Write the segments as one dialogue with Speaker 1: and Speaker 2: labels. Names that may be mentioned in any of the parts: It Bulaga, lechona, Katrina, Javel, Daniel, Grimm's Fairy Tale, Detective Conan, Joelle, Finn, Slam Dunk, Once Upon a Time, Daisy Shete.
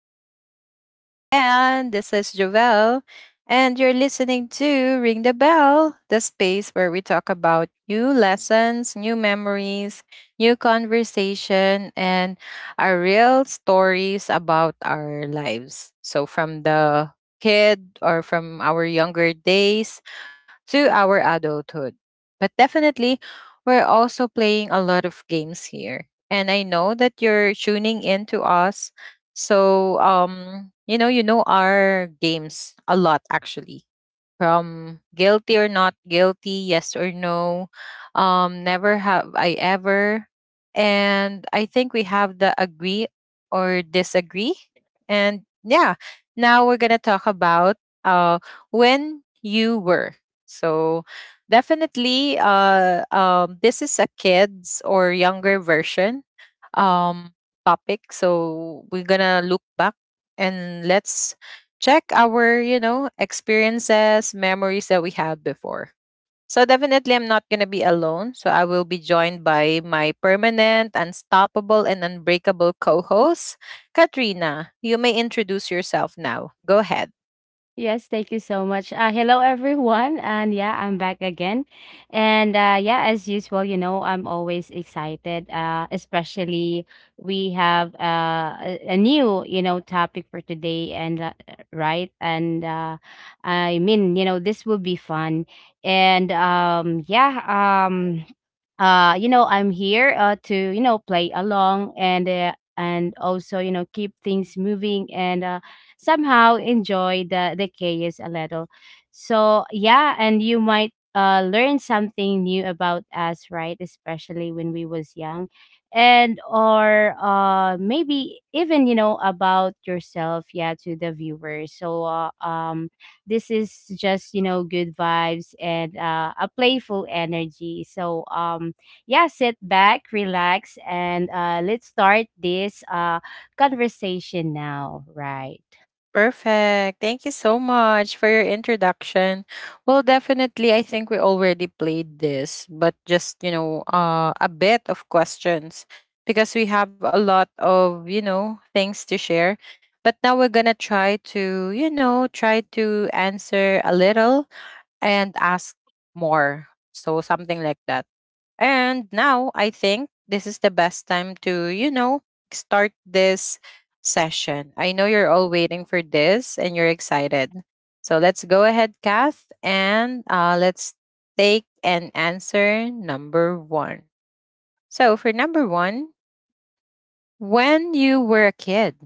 Speaker 1: And I'm your host again. This is Joelle. And you're listening to Ring the Bell, the space where we talk about new lessons, new memories, new conversation, and our real stories about our lives. So, from the kid or from our younger days to our adulthood. But definitely, we're also playing a lot of games here and I know that you're tuning in to us. So you know our games a lot actually. From guilty or not guilty, yes or no. Never have I ever. And I think we have the agree or disagree. And yeah, now we're gonna talk about uh when you were. So definitely this is a kids or younger version um, topic. So we're gonna look back and let's check our, experiences, memories that we had before. So definitely, I'm not gonna be alone. So I will be joined by my permanent, unstoppable, and unbreakable co-host, Katrina. You may introduce yourself now. Go ahead.
Speaker 2: Yes, thank you so much. Hello, everyone. And yeah, I'm back again. And yeah, as usual, you know, I'm always excited, especially we have a new, you know, topic for today. And right. And I mean, you know, this will be fun. And yeah, um, you know I'm here to, you know, play along, and and also, you know, keep things moving and somehow enjoy the chaos a little. So yeah, and you might learn something new about us, right? Especially when we was young, and or maybe even, you know, about yourself, yeah, to the viewers. So this is just, you know, good vibes and a playful energy. So yeah, sit back, relax, and let's start this conversation now, right?
Speaker 1: Perfect. Thank you so much for your introduction. Well, definitely, I think we already played this, but just, a bit of questions, because we have a lot of, things to share. But now we're going to try to answer a little and ask more. So, something like that. And now I think this is the best time to, start this session. I know you're all waiting for this and you're excited. So let's go ahead, Kath, and let's take and answer number one. So for number one, when you were a kid,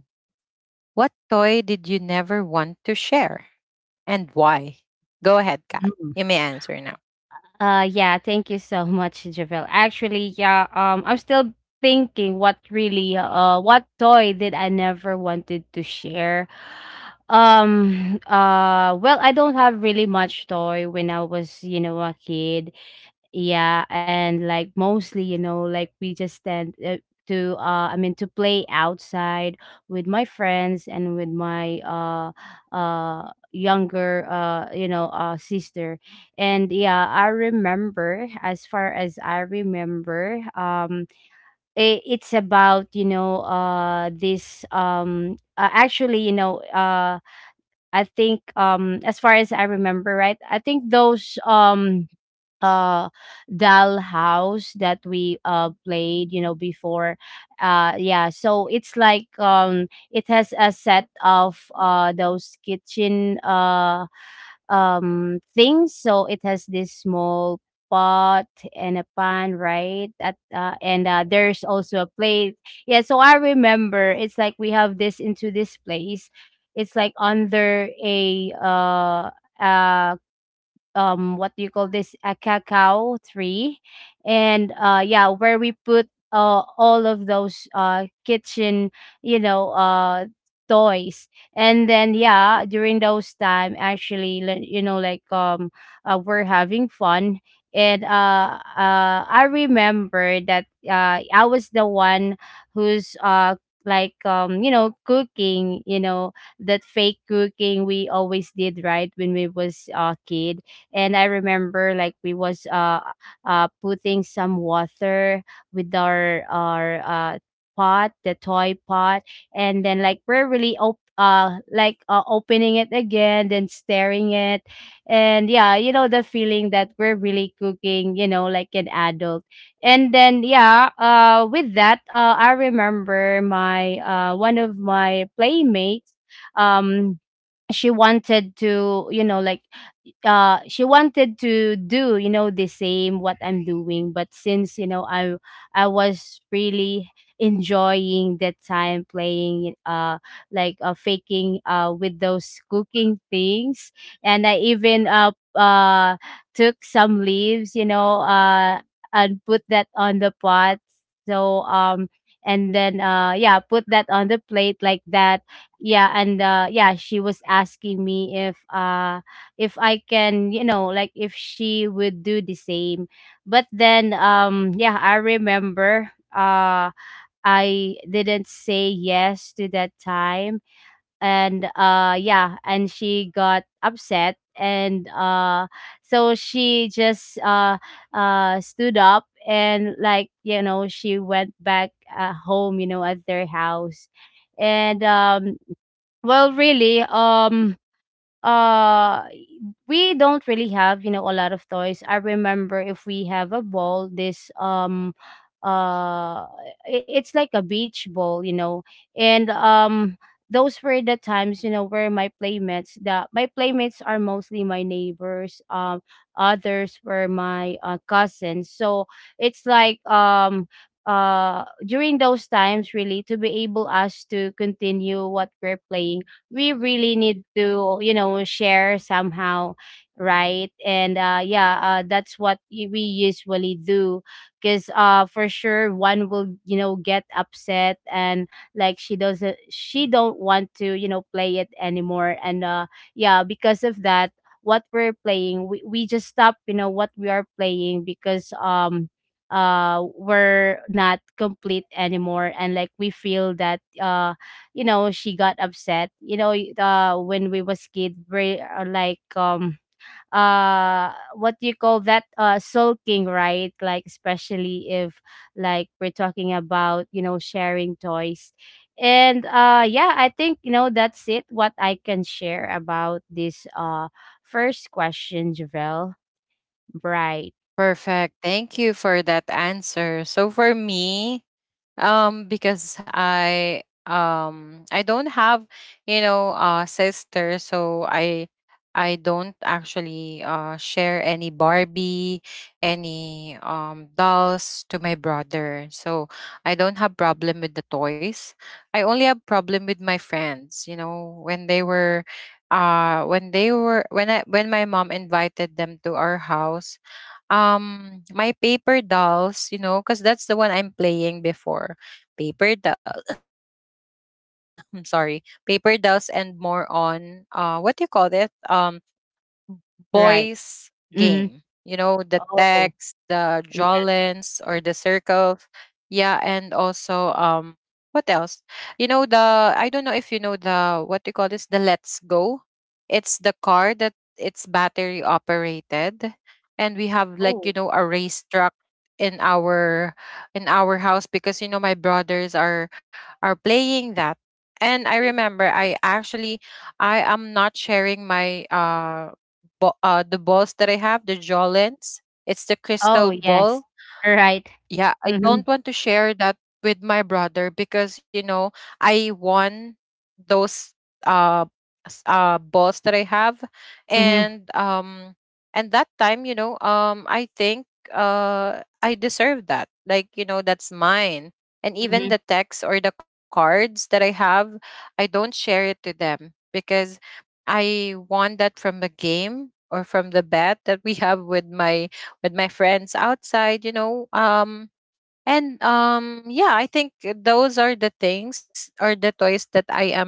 Speaker 1: what toy did you never want to share, and why? Go ahead, Kath. You
Speaker 2: Mm.
Speaker 1: may answer now.
Speaker 2: Yeah, thank you so much, Javel. Actually, yeah, I'm still thinking what really what toy did I never wanted to share. Well, I don't have really much toy when I was, you know, a kid. Yeah, and like mostly, you know, like we just tend to I mean to play outside with my friends and with my younger you know sister. And yeah, I remember as far as I remember, it's about, you know, this actually, you know, I think as far as I remember, right? I think those uh doll house that we played, you know, before. Yeah, so it's like, it has a set of those kitchen things. So it has this small pot and a pan, right, at and there's also a plate. Yeah, so I remember it's like we have this into this place. It's like under a uh what do you call this, a cacao tree. And yeah, where we put, all of those kitchen, you know, toys. And then yeah, during those time actually, you know, like we're having fun. And I remember that I was the one who's you know, cooking, you know, that fake cooking we always did, right, when we was a kid. And I remember like we was putting some water with our pot, the toy pot, and then like we're really like opening it again, then staring it, and yeah, you know, the feeling that we're really cooking, you know, like an adult. And then yeah, with that, I remember my one of my playmates, um, she wanted to, you know, like, she wanted to do, you know, the same what I'm doing. But since, you know, I was really enjoying that time playing, faking with those cooking things, and I even took some leaves, you know, and put that on the pot. So and then yeah, put that on the plate like that. Yeah, and yeah, she was asking me if I can, you know, like if she would do the same. But then yeah, I remember I didn't say yes to that time. And yeah, and she got upset. And uh so she just stood up and, like, you know, she went back at home, you know, at their house. And well, really, uh we don't really have, you know, a lot of toys. I remember if we have a ball, this, uh it's like a beach ball, you know. And those were the times, you know, where my playmates are mostly my neighbors, others were my, cousins. So it's like during those times, really, to be able us to continue what we're playing, we really need to, you know, share somehow, right? And yeah, that's what, we usually do, because for sure one will, you know, get upset and like she doesn't, she don't want to, you know, play it anymore. And yeah, because of that what we're playing, we just stop, you know, what we are playing, because we're not complete anymore and, like, we feel that you know, she got upset, you know, when we was kid, we are like what do you call that, sulking, right, like especially if like we're talking about, you know, sharing toys. And yeah, I think, you know, that's it what I can share about this first question, Javel, right.
Speaker 1: Perfect. Thank you for that answer. So for me, because I don't have, sister, so I don't actually share any Barbie, any dolls to my brother, so I don't have problem with the toys. I only have problem with my friends, you know, when they were when they were when I when my mom invited them to our house. My paper dolls, because that's the one I'm playing before. Paper doll. I'm sorry. Paper dolls, and more on what do you call it? Boys
Speaker 2: Right.
Speaker 1: game,
Speaker 2: Mm-hmm.
Speaker 1: the text the
Speaker 2: Oh
Speaker 1: jolens,
Speaker 2: yeah.
Speaker 1: or the circles. Yeah, and also, what else? You know, the I don't know if you know the, what do you call this, the let's go, it's the car that, it's battery operated, and we have, like,
Speaker 2: Oh.
Speaker 1: a race truck in our, in our house, because, my brothers are playing that. And I
Speaker 2: Mhm.
Speaker 1: remember, I actually, I am not sharing my, the balls that I have, the jolens. It's the
Speaker 2: Oh
Speaker 1: crystal
Speaker 2: yes.
Speaker 1: ball.
Speaker 2: Right.
Speaker 1: Yeah, I
Speaker 2: Mm-hmm.
Speaker 1: don't want to share that with my brother, because, I won those, uh balls that I have.
Speaker 2: Mm-hmm.
Speaker 1: And um and that time, I think I deserve that. Like, that's mine. And
Speaker 2: Mm-hmm.
Speaker 1: even the text or the cards that I have, I don't share it to them, because I won that from the game, or from the bet that we have with my, with my friends outside, and yeah, I think those are the things or the toys that I, am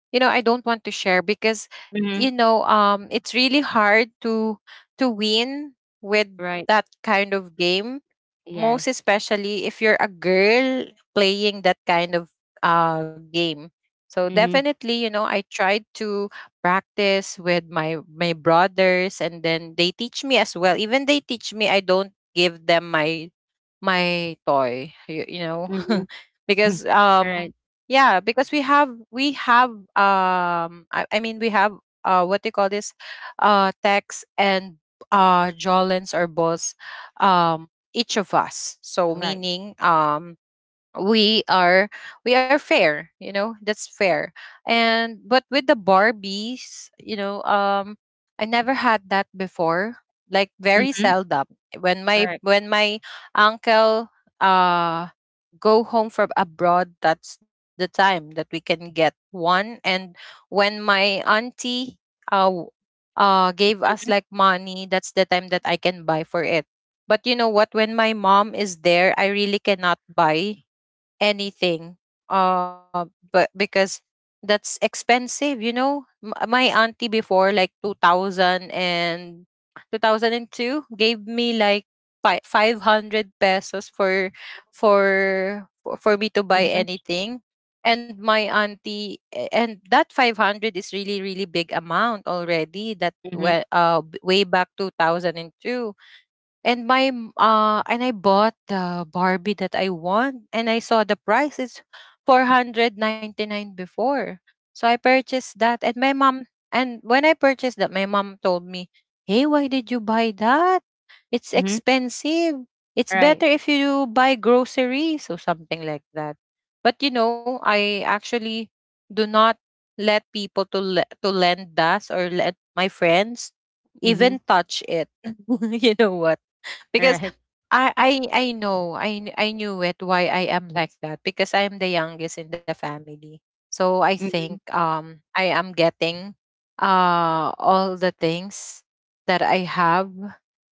Speaker 1: you know, I don't want to share, because,
Speaker 2: Mm-hmm.
Speaker 1: it's really hard to win with
Speaker 2: Right.
Speaker 1: that kind of game, most
Speaker 2: Yes.
Speaker 1: especially if you're a girl playing that kind of game. So
Speaker 2: Mhm.
Speaker 1: definitely, I tried to practice with my brothers, and then they teach me as well. Even they teach me, I don't give them my toy, you, you know.
Speaker 2: Mhm.
Speaker 1: Because,
Speaker 2: Alright.
Speaker 1: yeah, because I mean, we have, what they call this, tex, and, jolens, or boss, um each of us, so
Speaker 2: Alright.
Speaker 1: meaning, we are we are fair. You know, that's fair. And but with the Barbies, I never had that before, like very
Speaker 2: Mhm.
Speaker 1: seldom. When my,
Speaker 2: Alright.
Speaker 1: when my uncle uh go home from abroad, that's the time that we can get one. And when my auntie uh w- gave us like money, that's the time that I can buy for it. But you know what, when my mom is there, I really cannot buy anything, uh but because that's expensive, you know. My auntie before, like two thousand and two, gave me like, 500 pesos for me to buy
Speaker 2: Mhm.
Speaker 1: anything. And my auntie, and that 500 is really, really big amount already. That
Speaker 2: Mhm.
Speaker 1: way back 2002. And I bought the Barbie that I want, and I saw the price is 499 before. So I purchased that. And my mom and when I purchased that, my mom told me, "Hey, why did you buy that? It's
Speaker 2: Mhm.
Speaker 1: expensive. It's
Speaker 2: Alright.
Speaker 1: better if you buy groceries or something like that." But, I actually do not let people to lend us, or let my friends even
Speaker 2: Mhm.
Speaker 1: touch it. You know what? Because
Speaker 2: Alright.
Speaker 1: I knew it, why I am like that, because I am the youngest in the family. So I think,
Speaker 2: Mhm.
Speaker 1: I am getting all the things that I have.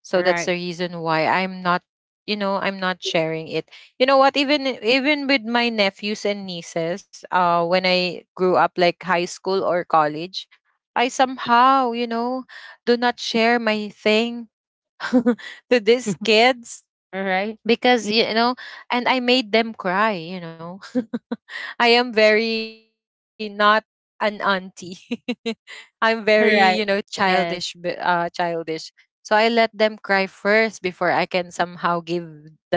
Speaker 1: So that's the
Speaker 2: Alright.
Speaker 1: reason why I'm not sharing it. You know what, even with my nephews and nieces, when I grew up, like high school or college, I somehow, do not share my thing to these
Speaker 2: Alright.
Speaker 1: kids. Because,
Speaker 2: Mm.
Speaker 1: and I made them cry. I am very not an auntie. I'm very,
Speaker 2: Alright.
Speaker 1: childish b-
Speaker 2: Yes.
Speaker 1: uh childish So I let them cry first before I can somehow give that,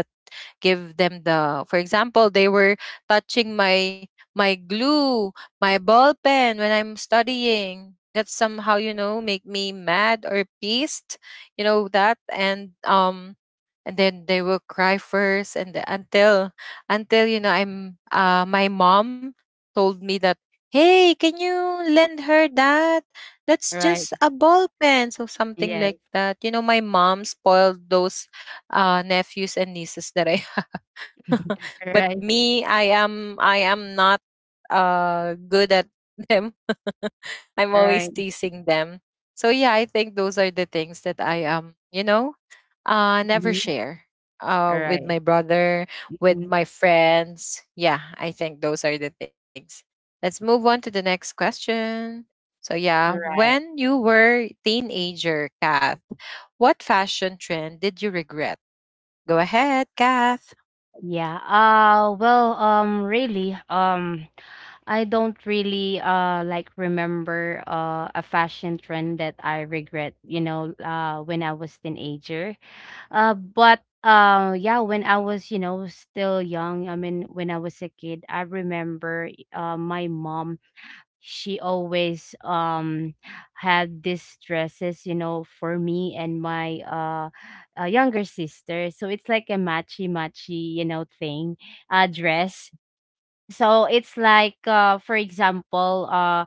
Speaker 1: give them the for example, they were touching my, glue, my ball pen, when I'm studying. That somehow, make me mad or pissed. You know that. And then they will cry first, and until, you know, I'm my mom told me that, "Hey, can you lend her that? That's
Speaker 2: All Right.
Speaker 1: just a ball pen," so something
Speaker 2: Yes.
Speaker 1: like that. You know, my mom spoiled those nephews and nieces, that I
Speaker 2: All
Speaker 1: but
Speaker 2: Right.
Speaker 1: me, I am not good at them. I'm
Speaker 2: All
Speaker 1: always
Speaker 2: Right.
Speaker 1: teasing them. So yeah, I think those are the things that I am. You know never
Speaker 2: Mhm.
Speaker 1: share. With my
Speaker 2: Alright.
Speaker 1: brother, with
Speaker 2: Mhm.
Speaker 1: my friends. Yeah, I think those are the things. Let's move on to the next question. So yeah,
Speaker 2: Right.
Speaker 1: when you were teenager, Kath, what fashion trend did you regret? Go ahead, Kath.
Speaker 2: Yeah. Well. Really. I don't really like remember a fashion trend that I regret, you know, when I was teenager. But yeah, when I was, you know, still young, I mean when I was a kid, I remember my mom, she always had these dresses, you know, for me and my, younger sister. So it's like a matchy matchy, you know, thing, dress. So it's like for example,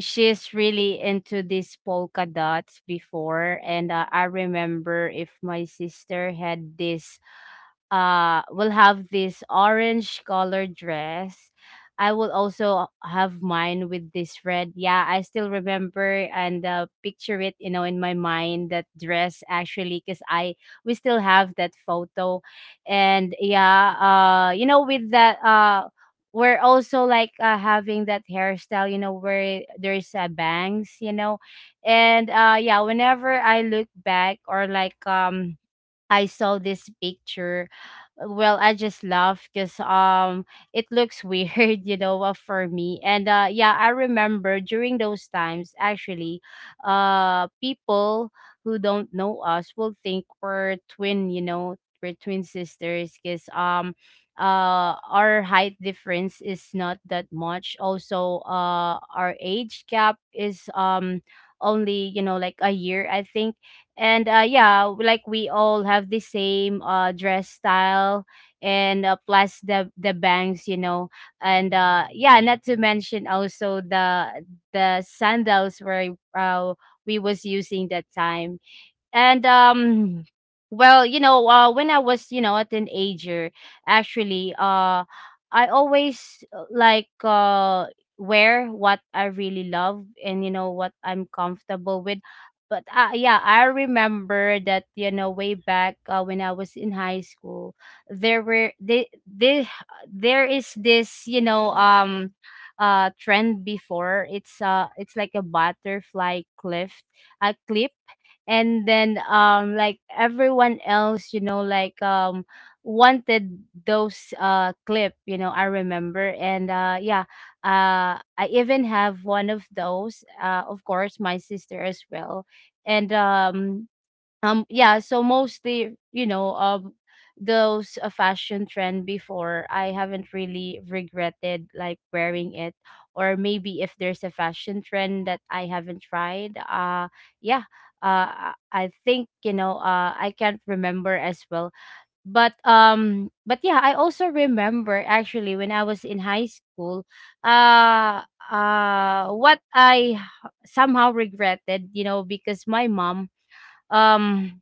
Speaker 2: she's really into these polka dots before. And I remember if my sister had this will have this orange color dress, I will also have mine with this red. Yeah, I still remember and, picture it, you know, in my mind that dress, actually, cuz I, we still have that photo. And yeah, you know, with that we're also like, having that hairstyle, you know, where there's, bangs, you know. And yeah, whenever I look back or like I saw this picture, well, I just laugh because it looks weird, you know, for me. And yeah, I remember during those times actually, people who don't know us will think we're twin, you know, we're twin sisters, because our height difference is not that much. Also, our age gap is only, you know, like a year, I think. And yeah, like we all have the same dress style and, plus the bangs, you know. And yeah, not to mention also the sandals where we was using that time. And well, you know, when I was, you know, a teenager, actually, I always wear what I really love and you know what I'm comfortable with. But yeah, I remember that, you know, way back when I was in high school, there were they, there is this, you know, trend before. It's like a butterfly cliff, a clip. And then like everyone else, you know, like wanted those clip, you know, I remember. And yeah, I even have one of those, of course my sister as well. And yeah, so mostly, you know, those, fashion trend before, I haven't really regretted like wearing it. Or maybe if there's a fashion trend that I haven't tried, yeah, I think, you know, I can't remember as well. But but yeah, I also remember actually when I was in high school, uh what I somehow regretted, you know, because my mom, um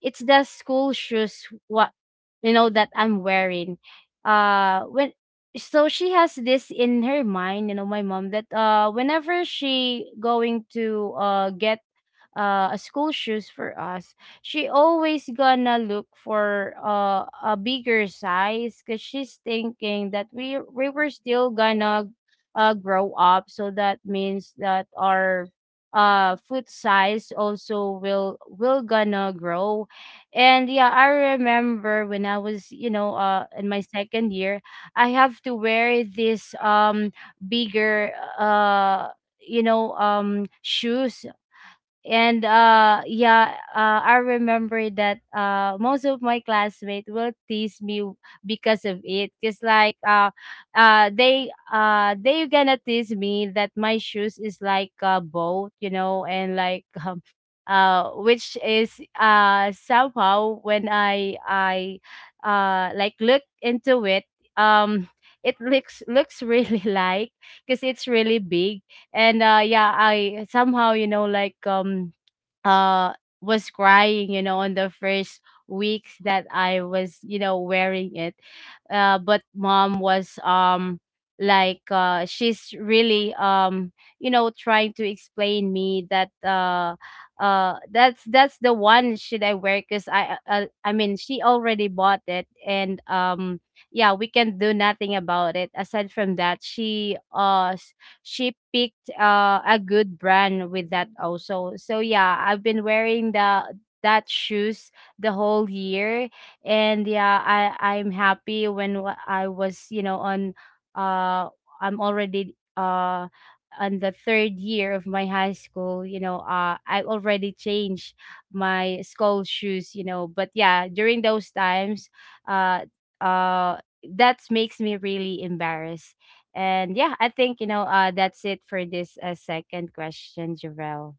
Speaker 2: it's the school shoes what, you know, that I'm wearing. When So she has this in her mind, you know, my mom, that whenever she going to get school shoes for us, she always gonna look for a bigger size, because she's thinking that we were still gonna grow up, so that means that our foot size also will gonna grow. And yeah, I remember when I was, you know, in my second year, I have to wear this bigger uh you know shoes. And yeah, I remember that most of my classmates will tease me because of it, because they gonna tease me that my shoes is like a boat, you know. And like which is somehow, when I like look into it, um it looks really like, because it's really big. And yeah, I somehow, you know, like, uh was crying, you know, on the first weeks that I was, you know, wearing it. But mom was, like, she's really, you know, trying to explain me that that's the one should I wear, because I mean she already bought it. And yeah, we can do nothing about it, aside from that she picked a good brand with that also. So yeah, I've been wearing the that shoes the whole year. And yeah, I'm happy when I was, you know, on uh I'm already on the third year of my high school. You know, I already changed my school shoes. You know, but yeah, during those times, uh uh that makes me really embarrassed. And yeah, I think, you know, that's it for this second question, Jarrell.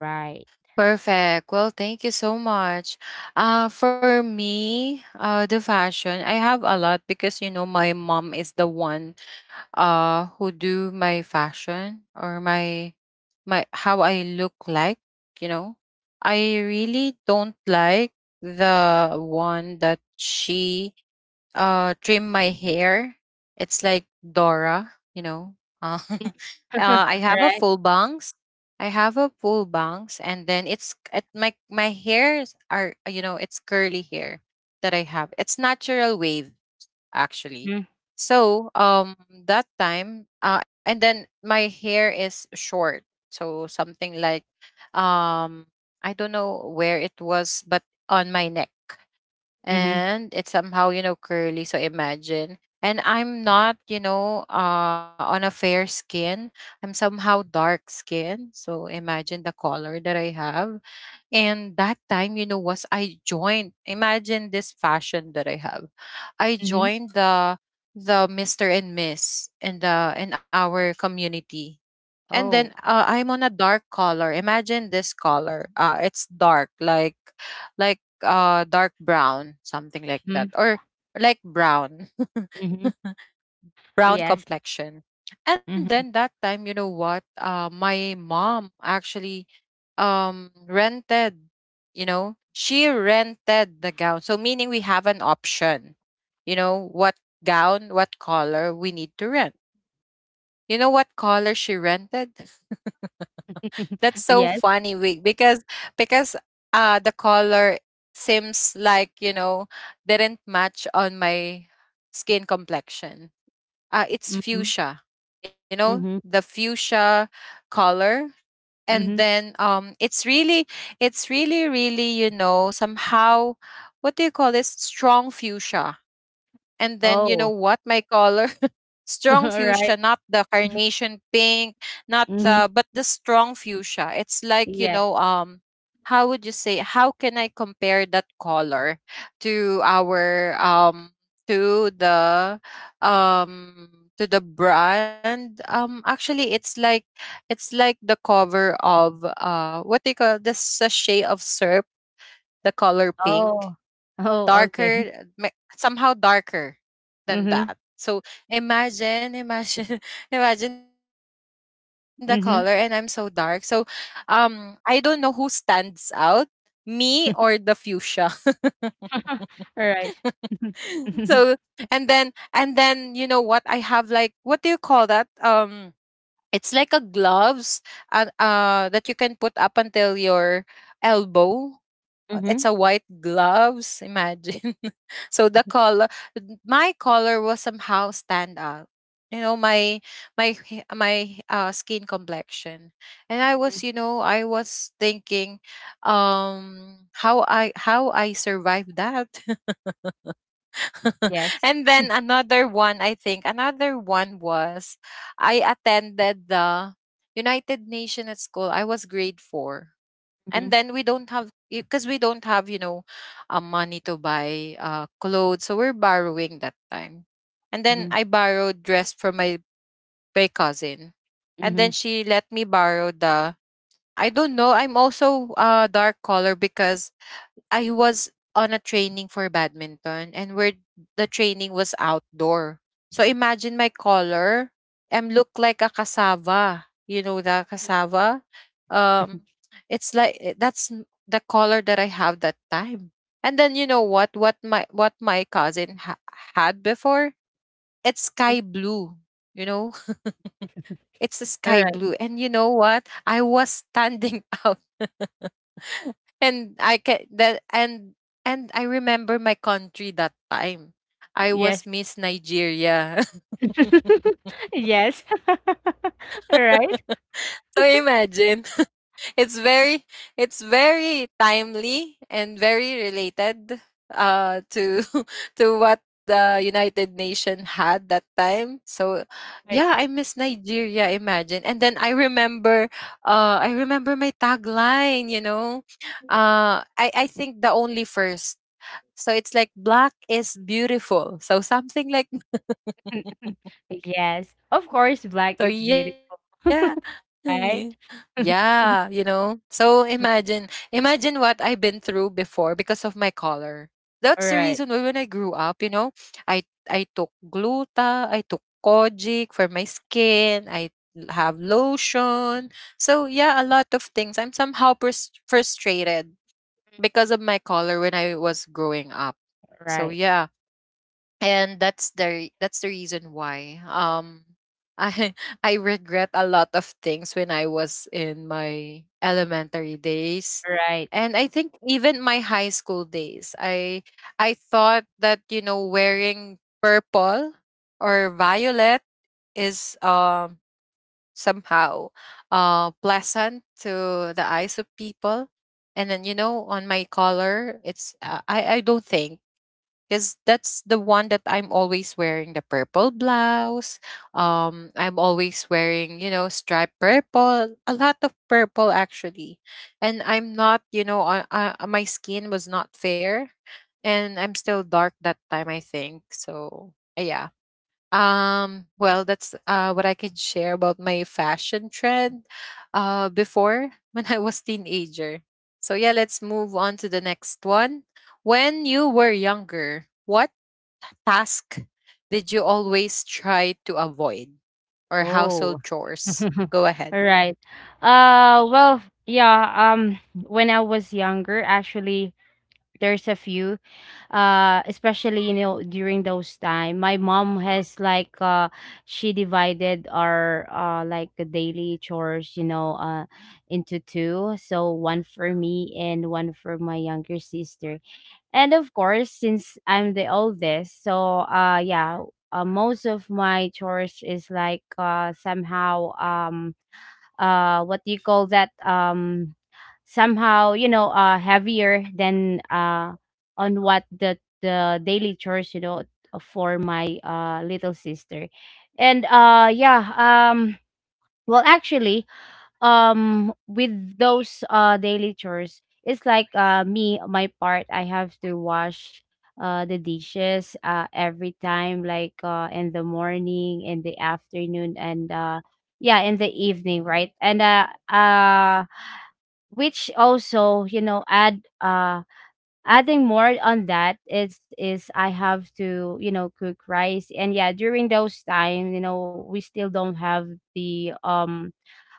Speaker 2: Right.
Speaker 1: Perfect. Well, thank you so much. For me, the fashion, I have a lot, because, my mom is the one who do my fashion, or my, how I look like, you know. I really don't like the one that she trim my hair. It's like Dora. Uh, uh, I
Speaker 2: All
Speaker 1: have a
Speaker 2: right.
Speaker 1: full bangs. I have a full bangs, and then it's at my hairs are, it's curly hair that I have. It's natural wave actually.
Speaker 2: Mm-hmm.
Speaker 1: So, that time, and then my hair is short. So something like, um I don't know where it was, but on my neck.
Speaker 2: Mm-hmm.
Speaker 1: And it's somehow, curly, so imagine. And I'm not, on a fair skin. I'm somehow dark skin. So imagine the color that I have. And that time, was I joined. Imagine this fashion that I have. I
Speaker 2: Mm-hmm.
Speaker 1: joined the Mr. and Miss in the in our community. And then,
Speaker 2: Oh.
Speaker 1: I'm on a dark color. Imagine this color. It's dark, like, dark brown, something like that,
Speaker 2: Mm-hmm.
Speaker 1: or like brown.
Speaker 2: Mm-hmm.
Speaker 1: Brown
Speaker 2: Yes.
Speaker 1: complexion. And
Speaker 2: Hmm.
Speaker 1: then that time, you know what? My mom actually, rented, you know, she rented the gown. So, meaning we have an option, what gown, what color we need to rent. You know what color she rented? That's so
Speaker 2: Yes.
Speaker 1: funny, we, because the color seems like, didn't match on my skin complexion. It's
Speaker 2: Mm-hmm.
Speaker 1: fuchsia,
Speaker 2: Mm-hmm.
Speaker 1: the fuchsia color. And
Speaker 2: Mm-hmm.
Speaker 1: then, it's really really, somehow, what do you call this, strong fuchsia. And then, you know
Speaker 2: Oh.
Speaker 1: what? My color strong
Speaker 2: All
Speaker 1: fuchsia,
Speaker 2: right.
Speaker 1: not the carnation pink, not
Speaker 2: Mm-hmm.
Speaker 1: the but the strong fuchsia. It's like, you
Speaker 2: Yes.
Speaker 1: know, how would you say, how can I compare that color to our to the um to the brand? Actually, it's like the cover of what they call the sachet of syrup, the color pink,
Speaker 2: Oh. Oh. Okay.
Speaker 1: somehow darker than
Speaker 2: Mm-hmm.
Speaker 1: that. So imagine, imagine imagine the color, and I'm so dark. So
Speaker 2: Mm-hmm.
Speaker 1: I don't know who stands out, me or the fuchsia.
Speaker 2: All right.
Speaker 1: So and then you know what I have, like, what do you call that? It's like a gloves that you can put up until your elbow.
Speaker 2: Mm-hmm.
Speaker 1: It's a white gloves, imagine. So the color, my color will somehow stand out. You know, my my skin complexion. And I
Speaker 2: Mm-hmm.
Speaker 1: was, you know, I was thinking, how I survived that.
Speaker 2: Yes.
Speaker 1: And then another one, I think another one was, I attended the United Nation at school. I was grade four,
Speaker 2: Mm-hmm.
Speaker 1: and then we don't have, because we don't have, you know, money to buy clothes, so we're borrowing that time. And then
Speaker 2: Mm-hmm.
Speaker 1: I borrowed dress for my cousin, and then she let me borrow the— I don't know, I'm also a dark color because I was on a training for badminton, and where the training was outdoor. So imagine my color. I'm look like a cassava. You know the cassava? Um it's like the color that I have that time. And then you know what what my cousin had before? It's sky blue. You know, it's a
Speaker 2: All
Speaker 1: sky
Speaker 2: right.
Speaker 1: blue. And you know what? I was standing out, and I can that and I remember my country that time. I was
Speaker 2: Yes.
Speaker 1: Miss Nigeria.
Speaker 2: Yes. Right?
Speaker 1: So imagine. It's very, it's very timely and very related to to what the United Nation had that time. So
Speaker 2: Right.
Speaker 1: yeah, I miss Nigeria, imagine. And then I remember my tagline, you know. I think the only first— so it's like black is beautiful. So something like—
Speaker 2: Yes. Of course, black
Speaker 1: so
Speaker 2: is
Speaker 1: yeah.
Speaker 2: beautiful. Right?
Speaker 1: Yeah, you know. So imagine, imagine what I've been through before because of my color. That's the reason why
Speaker 2: Right.
Speaker 1: when I grew up, you know, I I took gluta, I took kojic for my skin, I have lotion. So yeah, a lot of things. I'm somehow frustrated because of my color when I was growing up. So
Speaker 2: Right.
Speaker 1: yeah. And that's the reason why I I regret a lot of things when I was in my elementary days.
Speaker 2: Right.
Speaker 1: And I think even my high school days, I thought that, you know, wearing purple or violet is somehow pleasant to the eyes of people. And then, you know, on my color, it's I don't think, because that's the one that I'm always wearing, the purple blouse. I'm always wearing, you know, striped purple, a lot of purple actually. And I'm not, you know, my skin was not fair. And I'm still dark that time, I think. So, yeah. Well, that's what I can share about my fashion trend before when I was teenager. So yeah, let's move on to the next one. When you were younger, what task did you always try to avoid, or
Speaker 2: Oh.
Speaker 1: household chores? Go ahead.
Speaker 2: Right. Well, yeah, when I was younger, actually, there's a few. Especially, you know, during those time, my mom has, she divided our, like, the daily chores, you know, into two, so one for me and one for my younger sister. And of course, since I'm the oldest, so yeah, most of my chores is, somehow, what do you call that, somehow, you know, heavier than, on what the daily chores, you know, for my little sister. And yeah. Well, actually, with those daily chores, it's, me, my part, I have to wash the dishes every time, in the morning, in the afternoon, and yeah, in the evening, right? And uh which also, you know, adding more on that, is I have to, you know, cook rice. And yeah, during those time, you know, we still don't have the, um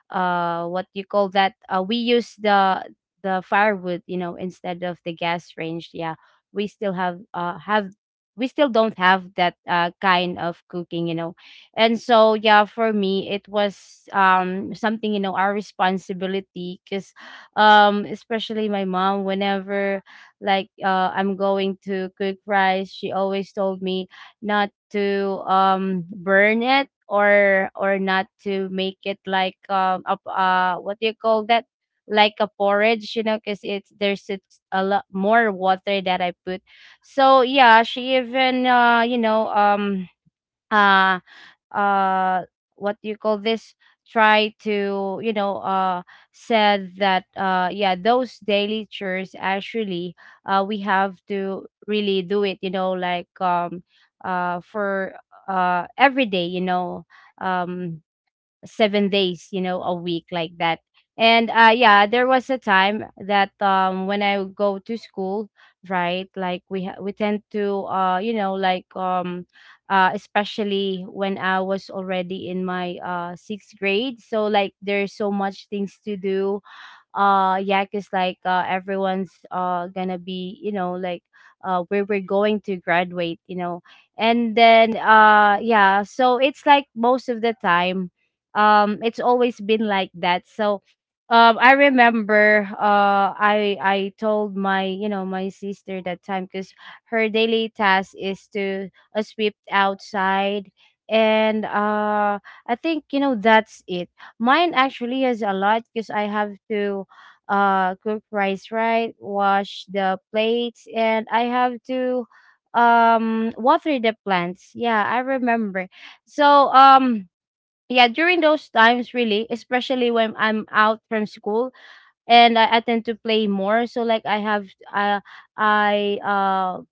Speaker 2: uh what you call that, we use the firewood, you know, instead of the gas range. Yeah, we still have, we still don't have that kind of cooking, you know. And so yeah, for me it was, something, you know, our responsibility. Because, especially my mom, whenever, I'm going to cook rice, she always told me not to burn it, or not to make it like, a, what do you call that, like a porridge. You know, because it's a lot more water that I put. So yeah, she even, you know, uh uh what do you call this, try to, you know, said that, yeah, those daily chores actually, we have to really do it, you know, like, for every day, you know, um 7 days, you know, a week, like that. And yeah, there was a time that, when I would go to school, right? Like, we tend to, you know, like, especially when I was already in my sixth grade. So like, there's so much things to do. Yak is everyone's gonna be, you know, where we're going to graduate, you know. And then yeah, so it's like most of the time, it's always been like that. So, I remember, I told my, you know, my sister that time, because her daily task is to sweep outside. And I think, you know, that's it. Mine actually is a lot, because I have to cook rice, right, wash the plates, and I have to water the plants. Yeah, I remember. So, um yeah, during those times, really, especially when I'm out from school, and I tend to play more. So like I have uh, I uh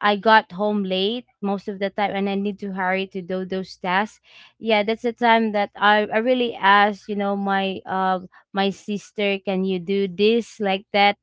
Speaker 2: I got home late most of the time, and I need to hurry to do those tasks. Yeah, that's the time that I really ask, you know, my sister, can you do this, like that?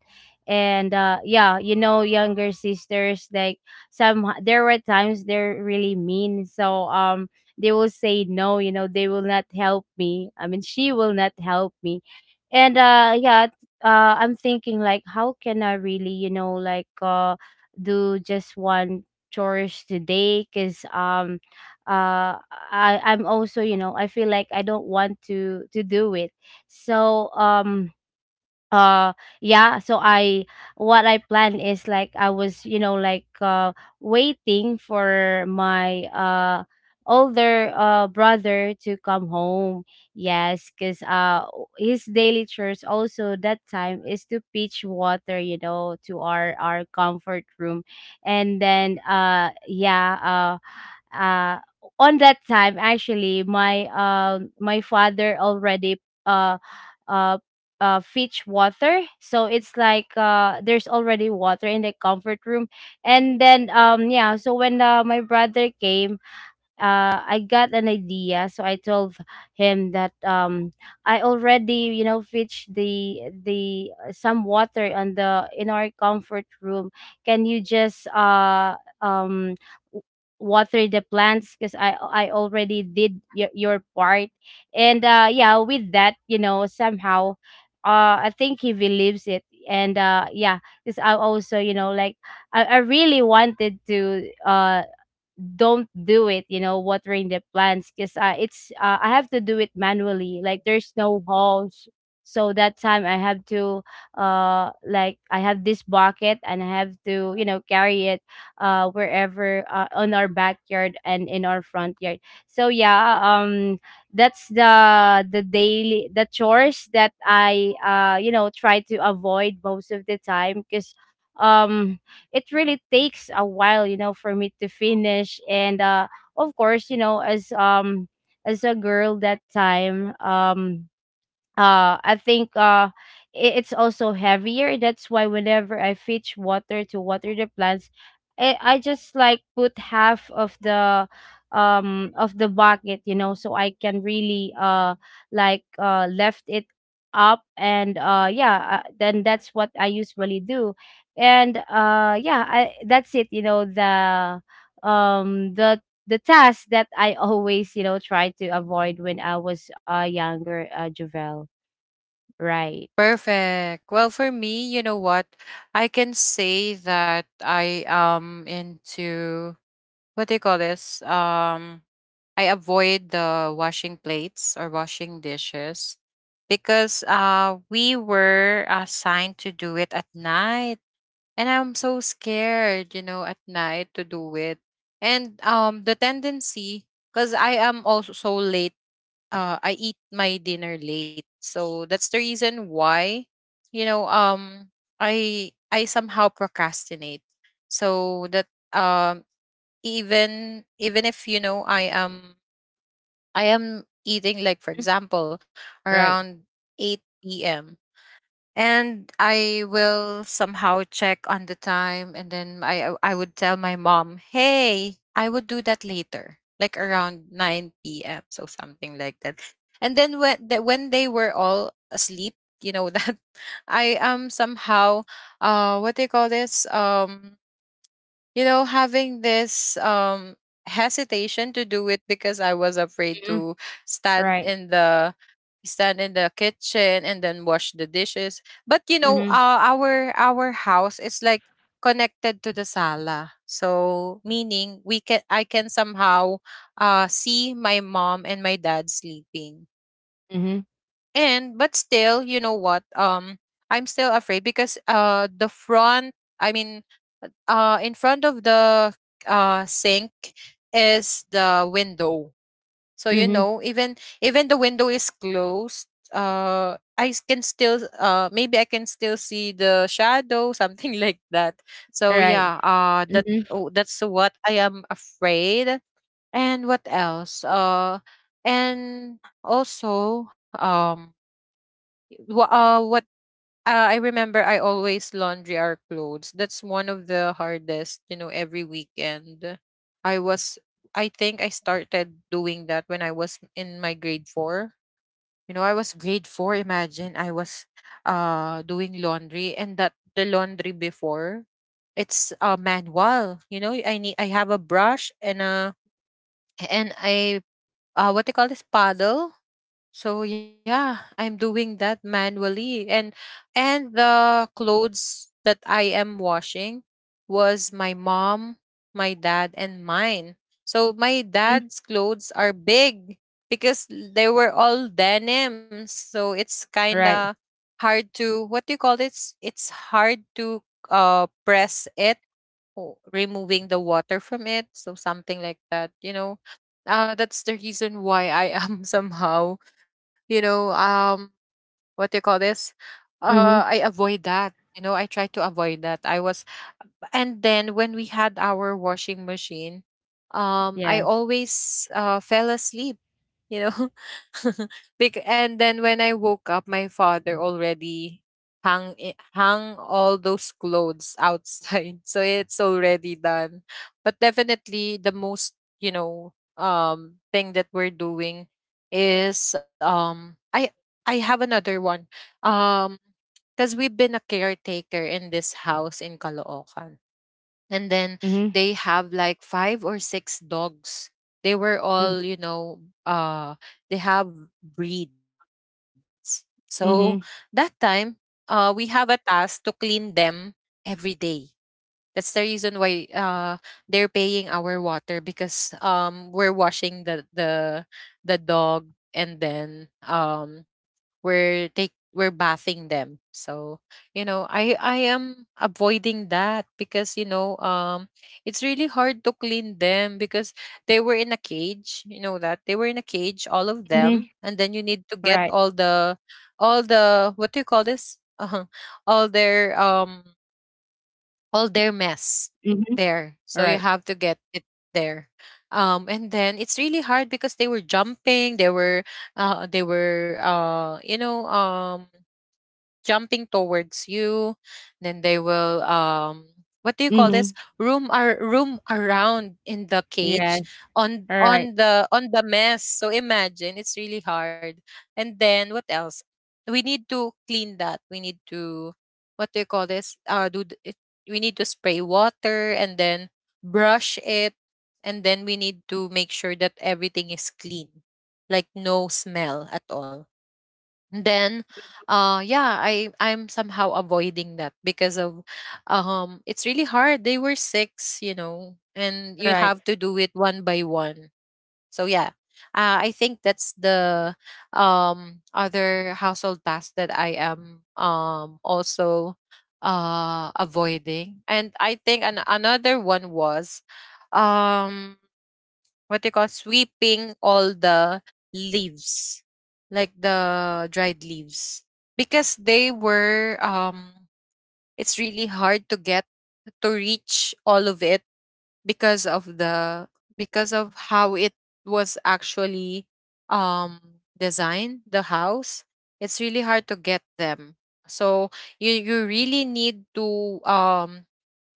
Speaker 2: And yeah, you know, younger sisters, like, some there were times they're really mean. So they will say no, you know, they will not help me. I mean, she will not help me. And yeah, I'm thinking, like, how can I really, you know, do just one chores today? Because uh I'm also, you know, I feel like I don't want to do it. So, uh yeah, so I what I plan is, like, I was, you know, like, waiting for my older brother to come home. Yes, because his daily chores also that time is to pitch water, you know, to our comfort room. And then yeah, on that time actually, my, my father already, uh uh fetch water. So it's like, there's already water in the comfort room. And then, yeah, so when, my brother came, I got an idea, so I told him that, I already, you know, fetched the some water on the in our comfort room. Can you just w- water the plants? Because I already did your part. And yeah, with that, you know, somehow, I think he believes it. And yeah, because I also, you know, like, I really wanted to don't do it, you know, watering the plants. Because it's I have to do it manually, like there's no hose. So that time, I have to, I have this bucket, and I have to, you know, carry it wherever, on our backyard and in our front yard. So yeah, that's the daily the chores that I you know, try to avoid most of the time. Because um it really takes a while, you know, for me to finish. And of course, you know, as a girl that time, I think, it's also heavier. That's why whenever I fetch water to water the plants, I just like, put half of the bucket, you know, so I can really, left it up. And yeah, then that's what I usually do. And yeah, that's it, you know, the, um the the task that I always, you know, try to avoid when I was younger, javel. Right,
Speaker 1: Perfect. Well, for me, you know what? I can say that I am into, what do you call this? I avoid the washing plates or washing dishes because we were assigned to do it at night. And I'm so scared, you know, at night to do it. And the tendency, because I am also so late, I eat my dinner late. So that's the reason why, you know, I somehow procrastinate. So that um, even if, you know, I am eating, like, for example,
Speaker 2: right.
Speaker 1: around 8 p.m. And I will somehow check on the time. And then, I would tell my mom, hey, I would do that later, like around 9 p.m. So something like that. And then when, when they were all asleep, you know, that I am somehow, what do you call this? You know, having this hesitation to do it because I was afraid
Speaker 2: Mhm.
Speaker 1: to stand
Speaker 2: Right.
Speaker 1: in the stand in the kitchen and then wash the dishes. But you know,
Speaker 2: Mhm.
Speaker 1: our house is like connected to the sala, so meaning we can, I can somehow see my mom and my dad sleeping. And
Speaker 2: Mhm,
Speaker 1: but still, you know what, I'm still afraid because the front I mean in front of the sink is the window. So you know,
Speaker 2: mhm,
Speaker 1: even, even the window is closed, can still maybe I can still see the shadow, something like that. So yeah,
Speaker 2: right.
Speaker 1: that,
Speaker 2: Mhm,
Speaker 1: oh, that's what I am afraid. And what else? And also, wh- what I remember, I always laundry our clothes. That's one of the hardest, you know, every weekend. I was, I think I started doing that when I was in my grade four. You know, I was grade four. Imagine I was doing laundry, and that the laundry before, it's manual. You know, I have a brush and a and a what they call this paddle. So yeah, I'm doing that manually. And the clothes that I am washing was my mom, my dad, and mine. So my
Speaker 2: mhm.
Speaker 1: dad's clothes are big because they were all denims. So it's kinda
Speaker 2: Right.
Speaker 1: hard to, what do you call this? It's hard to press it o removing the water from it, so something like that, you know. That's the reason why I am somehow, you know, what do you call this? I
Speaker 2: Mhm,
Speaker 1: avoid that. You know, I try to avoid that. And then when we had our washing machine, I
Speaker 2: yes.
Speaker 1: always fell asleep, you know. And then when I woke up, my father already hung all those clothes outside. So it's already done. But definitely the most, you know, thing that we're doing is, I have another one. um because we've been a caretaker in this house in Caloocan. And then
Speaker 2: Mhm,
Speaker 1: they have like five or six dogs. They were all,
Speaker 2: mhm,
Speaker 1: you know, uh they have breeds. So that time,
Speaker 2: mhm,
Speaker 1: we have a task to clean them every day. That's the reason why they're paying our water, because we're washing the dog. And then we're bathing them. So, you know, I am avoiding that because, you know, it's really hard to clean them because they were in a cage, you know that. They were in a cage, all of
Speaker 2: mhm.
Speaker 1: them. And then you need to get
Speaker 2: Right.
Speaker 1: all the, all the, what do you call this? All their all their mess
Speaker 2: Mhm,
Speaker 1: there. So
Speaker 2: right.
Speaker 1: you have to get it there. And then it's really hard because they were jumping, they were you know, jumping towards you. Then they will what do you call this,
Speaker 2: Mhm,
Speaker 1: room are room around in the cage,
Speaker 2: yes. Right,
Speaker 1: on the mess. So imagine, it's really hard. And then what else, we need to clean that, we need to, what do you call this, we need to spray water and then brush it. And then we need to make sure that everything is clean, like no smell at all. Then yeah, I'm somehow avoiding that because of, it's really hard, they were six, you know, and you
Speaker 2: right.
Speaker 1: have to do it one by one. So yeah, I think that's the other household task that I am, also avoiding. And I think another one was um what they call, sweeping all the leaves, like the dried leaves, because they were. It's really hard to get to reach all of it because of the, because of how it was actually um designed, the house. It's really hard to get them. So you really need to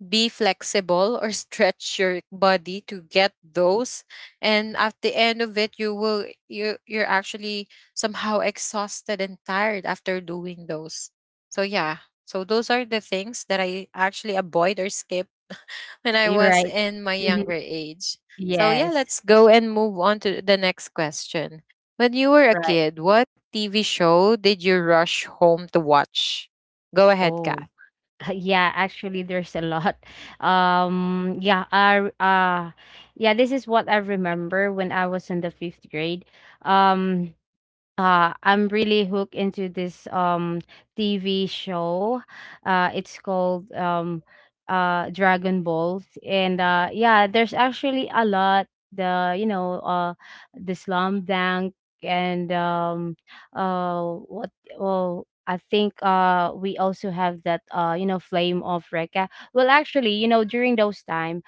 Speaker 1: be flexible or stretch your body to get those. And at the end of it, you will, you're actually somehow exhausted and tired after doing those. So yeah. So those are the things that I actually avoid or skip when I
Speaker 2: You're
Speaker 1: was
Speaker 2: right.
Speaker 1: in my
Speaker 2: Mhm,
Speaker 1: younger age. So yeah,
Speaker 2: yes,
Speaker 1: let's go and move on to the next question. When you were a
Speaker 2: right.
Speaker 1: kid, what TV show did you rush home to watch? Go ahead, Kath.
Speaker 2: Oh. Yeah, actually, there's a lot. Yeah, yeah, this is what I remember when I was in the fifth grade. Um, I'm really hooked into this TV show. It's called Dragon Ball. And yeah, there's actually a lot. The You know, the Slum Dunk, and uh what well, I think we also have that, you know, Flame of Rekka. Well, actually, you know, during those time,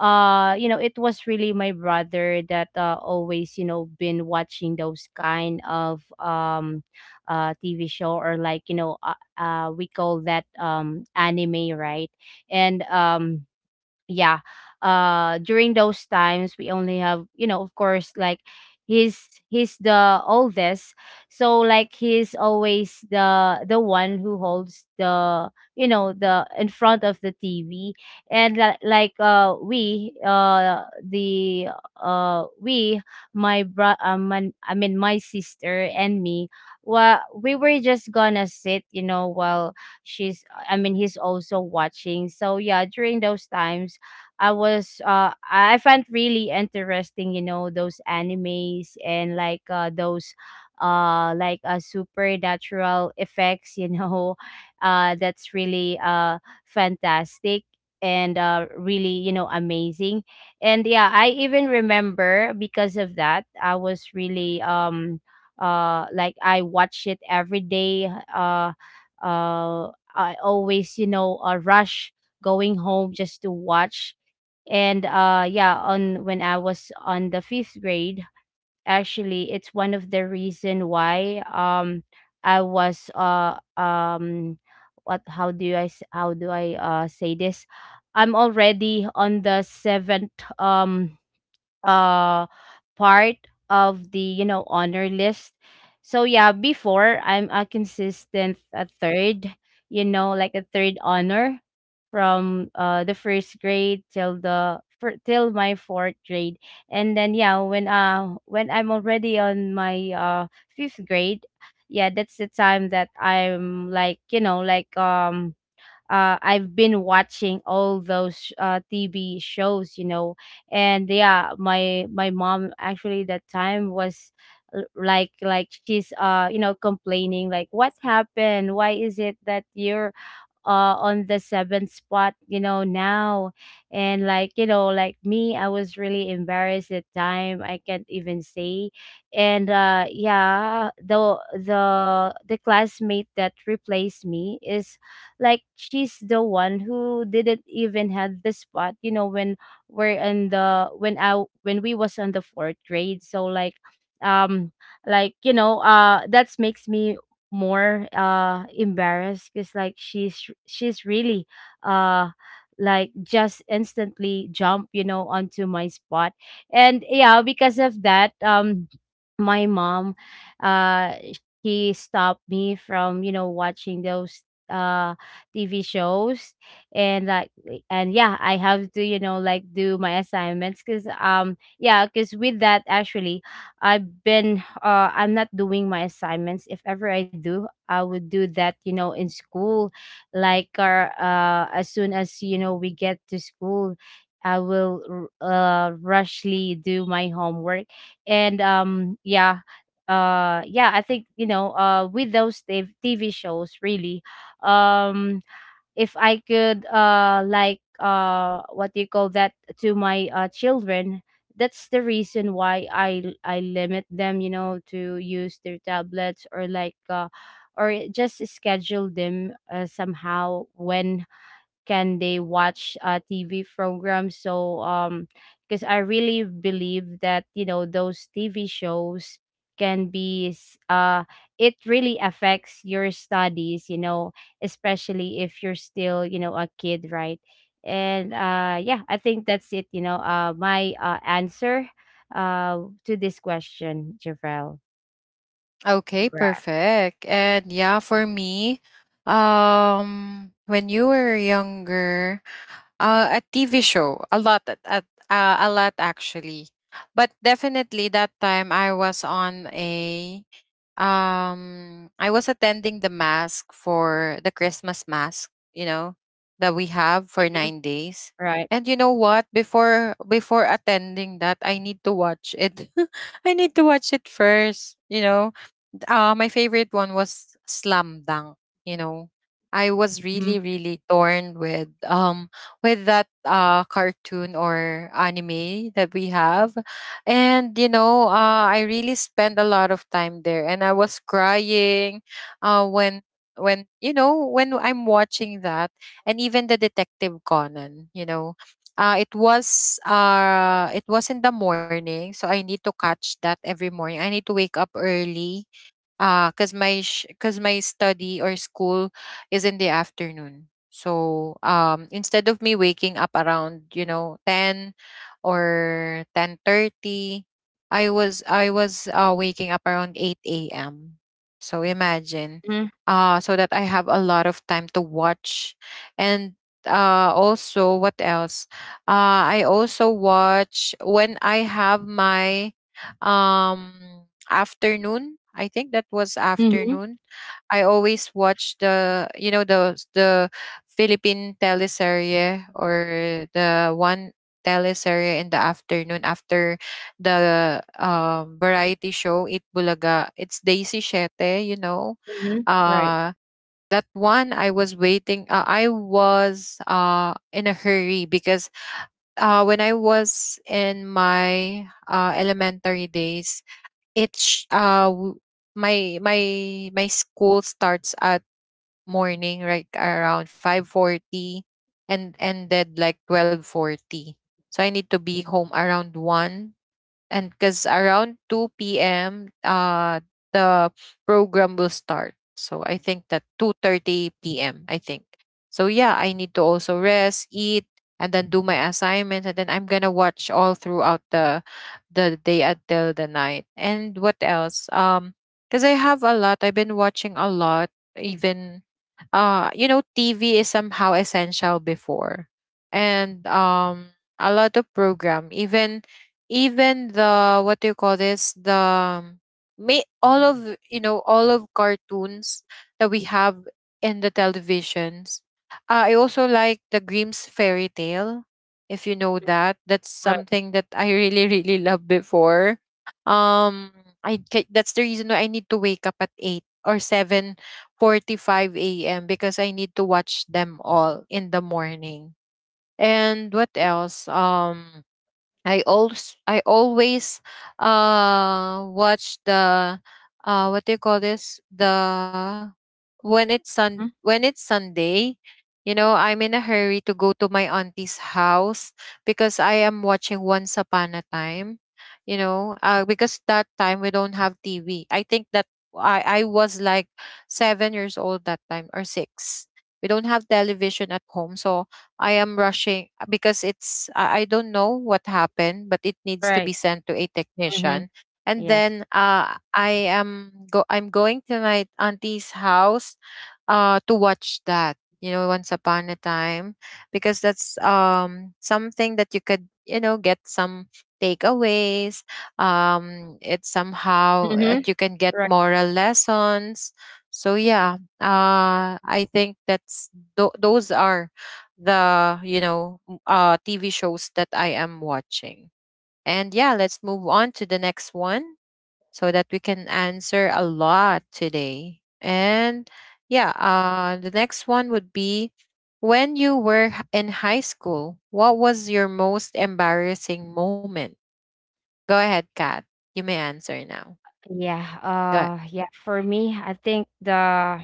Speaker 2: you know, it was really my brother that always, you know, been watching those kind of TV show, or, like, you know, we call that, anime, right? And yeah, during those times we only have, you know, of course, like, he's the oldest, so like, he's always the one who holds the, you know, the in front of the TV. And we the we my, I mean my sister and me. Well, we were just gonna sit, you know, while she's I mean he's also watching. So yeah, during those times, I find really interesting, you know, those animes, and, those, supernatural effects, you know. That's really fantastic, and really, you know, amazing. And yeah, I even remember, because of that, I was really, I watch it every day. I always, you know, a rush going home just to watch. And yeah, on when I was on the fifth grade, actually it's one of the reason why I was what how do I how do I say this, I'm already on the seventh um uh part of the, you know, honor list. So yeah, before I'm a consistent a third, you know, like a third honor from the first grade till till my fourth grade. And then yeah, when I'm already on my fifth grade, yeah, that's the time that I'm, like, you know, like, I've been watching all those TV shows, you know, and yeah, my mom actually that time was, like she's, you know, complaining, like, what happened? Why is it that you're on the seventh spot, you know, now, and, like, you know, like me, I was really embarrassed at time, I can't even say. And yeah, the classmate that replaced me is, like, she's the one who didn't even have the spot, you know, when we're in the when we was on the fourth grade, so, like, um like, you know, that makes me more embarrassed because, like, she's really uh like just instantly jump, you know, onto my spot. And yeah, because of that, my mom, uh she stopped me from, you know, watching those uh TV shows, and, like, and yeah, I have to, you know, like, do my assignments because, yeah, because with that actually I've been I'm not doing my assignments. If ever I do, I would do that, you know, in school. As soon as you know we get to school, I will rushly do my homework. And yeah, yeah, I think, you know, with those TV shows really, um if I could, like, what do you call that, to my children, that's the reason why I limit them, you know, to use their tablets, or or just schedule them, somehow, when can they watch, TV programs? So because I really believe that, you know, those TV shows can be, it really affects your studies, you know, especially if you're still, you know, a kid, right. And yeah, I think that's it, you know, my answer to this question, Javrel.
Speaker 1: Okay,
Speaker 2: Right.
Speaker 1: perfect. And yeah, for me, when you were younger, a TV show, a lot, a lot actually. But definitely that time I was on a, I was attending the mask for the Christmas mask, you know, that we have for
Speaker 2: Mhm.
Speaker 1: 9 days.
Speaker 2: Right.
Speaker 1: And you know what? Before attending that, I need to watch it. I need to watch it first. My favorite one was Slam Dunk. You know, I was
Speaker 2: Mhm.
Speaker 1: really torn with that cartoon or anime that we have, and I really spent a lot of time there, and I was crying, uh, when when you know when I'm watching that, and even the Detective Conan. You know. It was it was in the morning, so I need to catch that every morning. I need to wake up early. Ah, cause my study or school is in the afternoon. So, instead of me waking up around, you know, 10 or 10:30, I was waking up around 8 AM. So imagine, so that I have a lot of time to watch. And, also what else? I also watch when I have my, um afternoon. I think that was
Speaker 2: Mm-hmm.
Speaker 1: afternoon. I always watch the the Philippine teleserye, or the one teleserye in the afternoon after the variety show It Bulaga. It's Daisy Shete,
Speaker 2: Mm-hmm. Right.
Speaker 1: Uh that one I was waiting. I was in a hurry because when I was in my elementary days, It's w- my my my school starts at morning like around 5:40 and ended like 12:40. So I need to be home around 1, and because around 2 p.m. the program will start. So I think that 2:30 p.m., I think. So yeah, I need to also rest, eat, and then do my assignments, and then I'm gonna watch all throughout the day until the night. And what else, because I have a lot, I've been watching a lot, even you know, TV is somehow essential before, and a lot of program, even the what do you call this, the may all of you know, all of cartoons that we have in the televisions. I also like the Grimm's fairy tale, if you know that. That's
Speaker 2: Right.
Speaker 1: something that I really loved before. um that's the reason why I need to wake up at 8 or 7:45 a.m. because I need to watch them all in the morning. And what else, I always watch the what do you call this, the
Speaker 2: Mhm.
Speaker 1: when it's Sunday, you know, I'm in a hurry to go to my auntie's house because I am watching Once Upon a Time, because that time we don't have TV. I think that I was like 7 years old that time, or 6. We don't have television at home, so I am rushing, because it's I don't know what happened, but it needs to be
Speaker 2: Right.
Speaker 1: sent to a
Speaker 2: Mm-hmm.
Speaker 1: technician. And
Speaker 2: Yes.
Speaker 1: then I am go I'm going to my auntie's house to watch that. You know, once upon a time, because that's something that you could, you know, get some takeaways. It's somehow that
Speaker 2: Mhm.
Speaker 1: you can get
Speaker 2: Right.
Speaker 1: moral lessons. So yeah, I think that's those are the TV shows that I am watching. And yeah, let's move on to the next one so that we can answer a lot today. And yeah, the next one would be, when you were in high school, what was your most embarrassing moment? Go ahead, Kat. You may answer now.
Speaker 2: Yeah,
Speaker 1: Go ahead.
Speaker 2: yeah, for me, I think the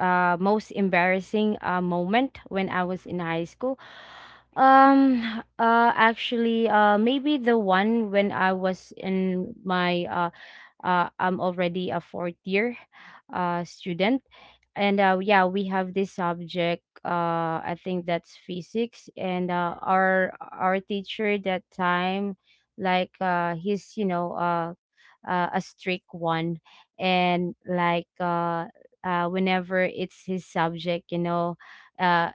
Speaker 2: most embarrassing moment when I was in high school, um actually maybe the one when I was in my I'm already a fourth year student. And yeah, we have this subject. I think that's physics, and our teacher that time, he's, you know, a strict one, and whenever it's his subject, you know, uh,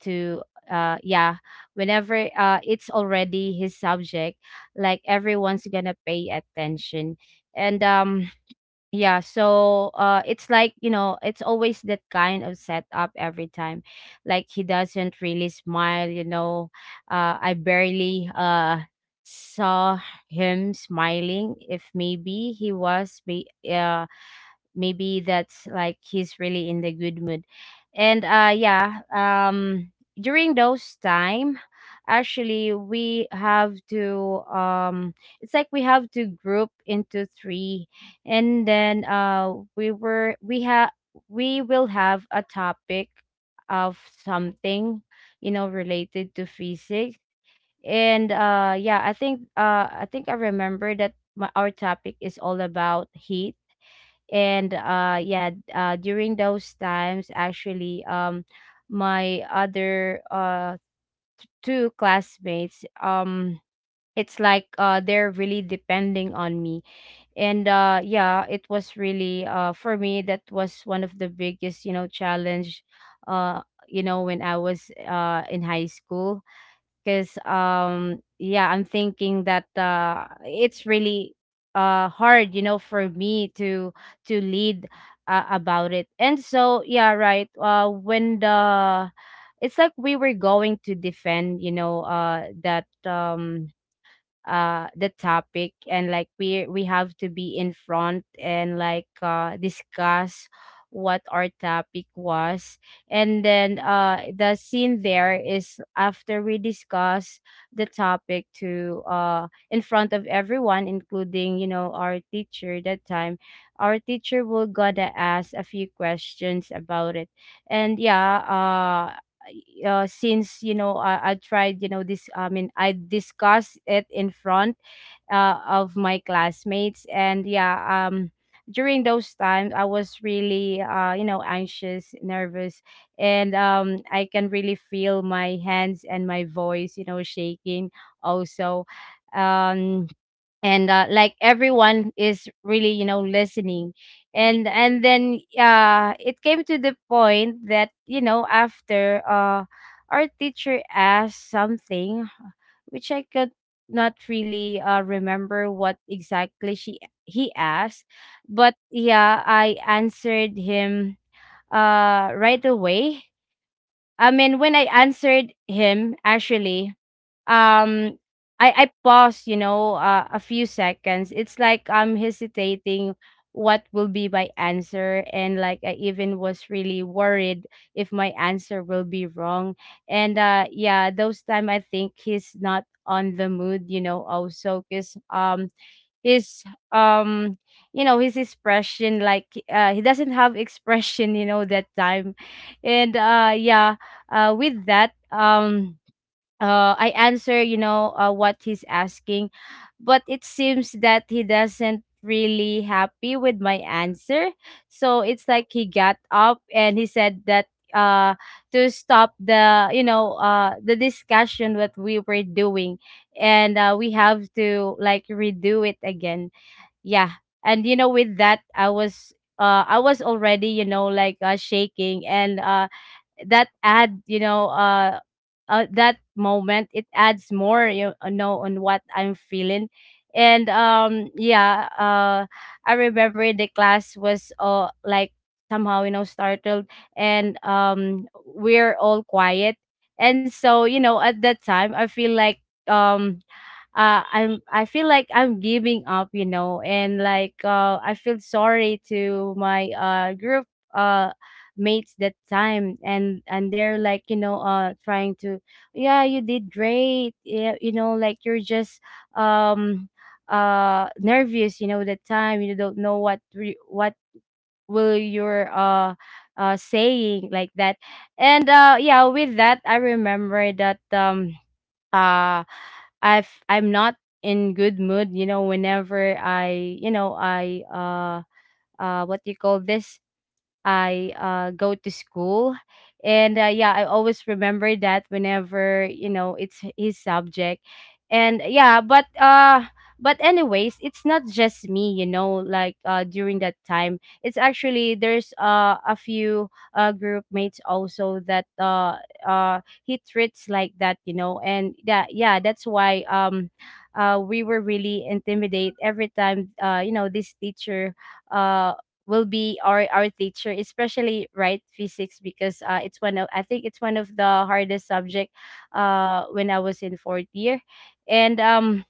Speaker 2: to yeah, whenever it's already his subject, like everyone's gonna pay attention. And yeah, so it's like, you know, it's always that kind of setup every time. Like he doesn't really smile, you know, I barely saw him smiling, if maybe he was be maybe that's like he's really in the good mood. And yeah, during those time actually we have to, it's like we have to group into three, and then we will have a topic of something, you know, related to physics. And yeah, I think I remember that our topic is all about heat. And yeah, during those times actually, my other two classmates, it's like, they're really depending on me. And yeah, it was really, for me that was one of the biggest, you know, challenge, uh you know, when I was in high school, because, yeah, I'm thinking that it's really hard, you know, for me to lead, about it. And so yeah, right, when the it's like we were going to defend, you know, that, the topic, and, like, we have to be in front, and, discuss what our topic was. And then the scene there is after we discuss the topic to in front of everyone, including, you know, our teacher that time, our teacher will got to ask a few questions about it. And yeah, since you know I tried you know this, I mean, I discussed it in front of my classmates. And yeah, during those times I was really, you know, anxious, nervous. And I can really feel my hands and my voice, you know, shaking also, um and like everyone is really, you know, listening. And then it came to the point that, you know, after our teacher asked something, which I could not really remember what exactly she he asked, but yeah, I answered him right away. I mean, when I answered him actually, um I pause, you know, a few seconds. It's like I'm hesitating what will be my answer, and like I even was really worried if my answer will be wrong. And yeah, those time I think he's not on the mood, you know, also cuz, his, um you know, his expression, like, he doesn't have expression, you know, that time. And yeah, with that, I answer, you know, what he's asking, but it seems that he doesn't really happy with my answer. So it's like he got up and he said that uh to stop the, you know, the discussion what we were doing, and we have to like redo it again. Yeah, and you know, with that I was already, you know, like, shaking, and that add, you know, that moment it adds more, you know, on what I'm feeling. And yeah, I remember the class was, like, somehow, you know, startled, and we're all quiet. And so, you know, at that time I feel like, um I feel like I'm giving up, you know, and like, I feel sorry to my group, uh mates that time. And they're like, you know, trying to, yeah, you did great, yeah, you know, like, you're just, um nervous, you know, that time you don't know what will your saying, like that. And yeah, with that I remember that, uh I'm not in good mood, you know, whenever I, you know, I what do you call this? I go to school. And yeah, I always remember that whenever, you know, it's his subject. And yeah, but anyways, it's not just me, you know, during that time. It's actually there's a few group mates also that he treats like that, you know. And yeah, yeah, that's why, we were really intimidated every time, you know, this teacher uh will be our teacher, especially right physics, because, it's one of I think it's one of the hardest subject, when I was in fourth year. And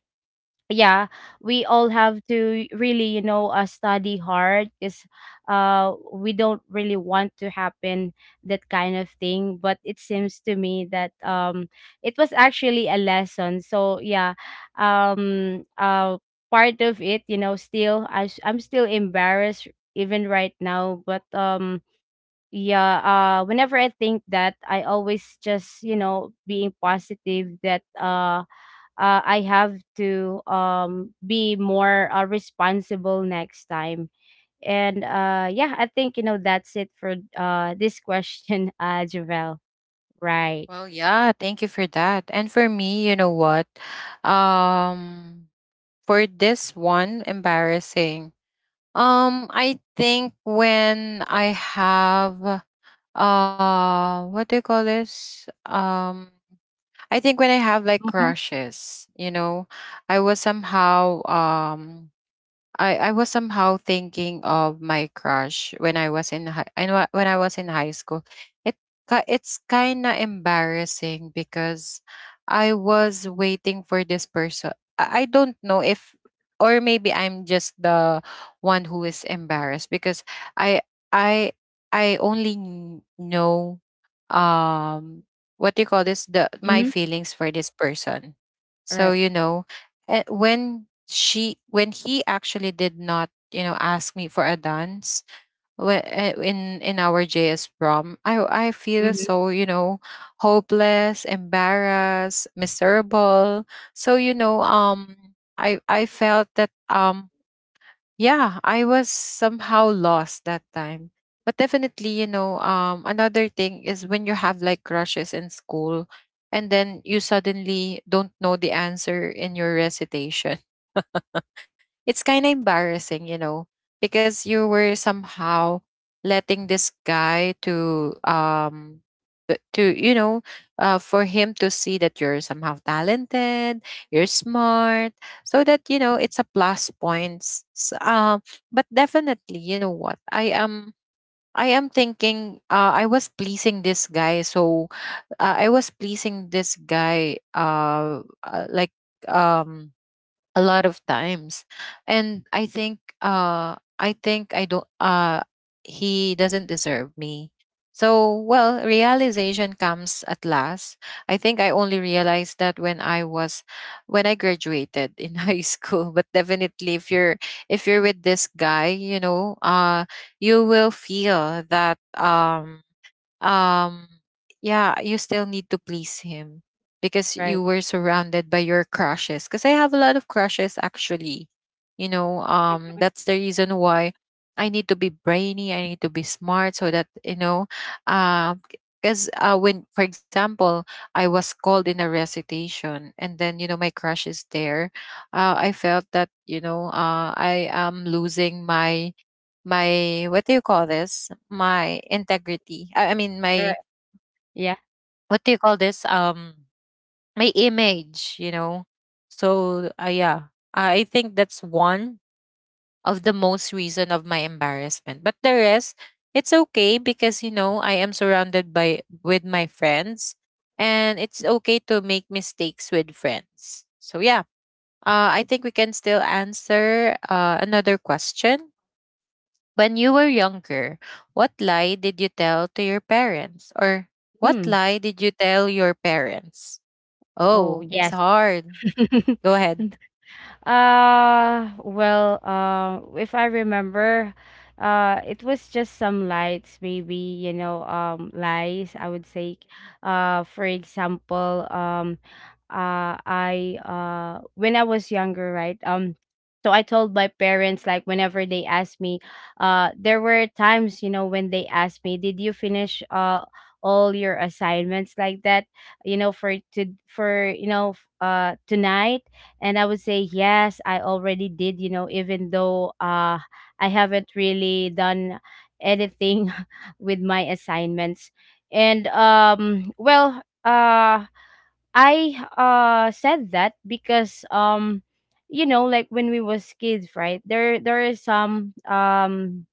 Speaker 2: yeah, we all have to really, you know, study hard because, we don't really want to happen that kind of thing, but it seems to me that, it was actually a lesson. So yeah, um uh part of it, you know, still I'm still embarrassed even right now, but, yeah, whenever I think that I always just, you know, being positive that, I have to, be more, responsible next time. And yeah, I think you know that's it for, this question, Javel. Right.
Speaker 1: Well, yeah, thank you for that. And for me, you know what? Um for this one, embarrassing. I think when I have what do you call this? I think when I have like
Speaker 2: Mm-hmm.
Speaker 1: crushes, you know, I was somehow um I was somehow thinking of my crush when I was in high and when I was in high school. It it's kind of embarrassing because I was waiting for this person. I don't know if, or maybe I'm just the one who is embarrassed because I I I only know um what do you call this, the my
Speaker 2: Mm-hmm.
Speaker 1: feelings for this person. So
Speaker 2: Right.
Speaker 1: you know, when he actually did not, you know, ask me for a dance in our JS prom, I feel
Speaker 2: Mm-hmm.
Speaker 1: so, you know, hopeless, embarrassed, miserable. So you know, I felt that yeah, I was somehow lost that time. But definitely, you know, another thing is when you have like crushes in school and then you suddenly don't know the answer in your recitation, it's kind of embarrassing, you know, because you were somehow letting this guy to to you know, for him to see that you're somehow talented, you're smart, so that you know it's a plus points. But definitely, you know what I am. I am thinking, I was pleasing this guy, so I was pleasing this guy like um a lot of times. And I think I think I don't, he doesn't deserve me. So well, realization comes at last. I think I only realized that when I was, when I graduated in high school. But definitely, if you're, if you're with this guy, you will feel that um yeah, you still need to please him because you
Speaker 2: Right.
Speaker 1: were surrounded by your crushes, because I have a lot of crushes actually, you know,
Speaker 2: Mhm.
Speaker 1: that's the reason why I need to be brainy, I need to be smart, so that you know, uh because when for example I was called in a recitation and then you know my crush is there, I felt that I am losing my my what do you call this? My integrity. I mean
Speaker 2: Right.
Speaker 1: my
Speaker 2: Yeah.
Speaker 1: what do you call this? My image, you know. So yeah, I think that's one of the most reason of my embarrassment. But the rest, it's okay, because you know, I am surrounded by with my friends, and it's okay to make mistakes with friends. So yeah, I think we can still answer another question. When you were younger, what lie did you tell to your parents? Or what
Speaker 2: Mm.
Speaker 1: lie did you tell your parents?
Speaker 2: Oh
Speaker 1: Oh, it's
Speaker 2: yes.
Speaker 1: hard. Go ahead.
Speaker 2: Well, if I remember, it was just some lights maybe, you know, lies I would say. For example, I when I was younger, right? So I told my parents, like whenever they asked me, there were times, you know, when they asked me, "Did you finish all your assignments like that, you know, you know, tonight?" And I would say, "Yes, I already did, you know, even though I haven't really done anything with my assignments." And well, I said that because, you know, like when we was kids, right, there is some,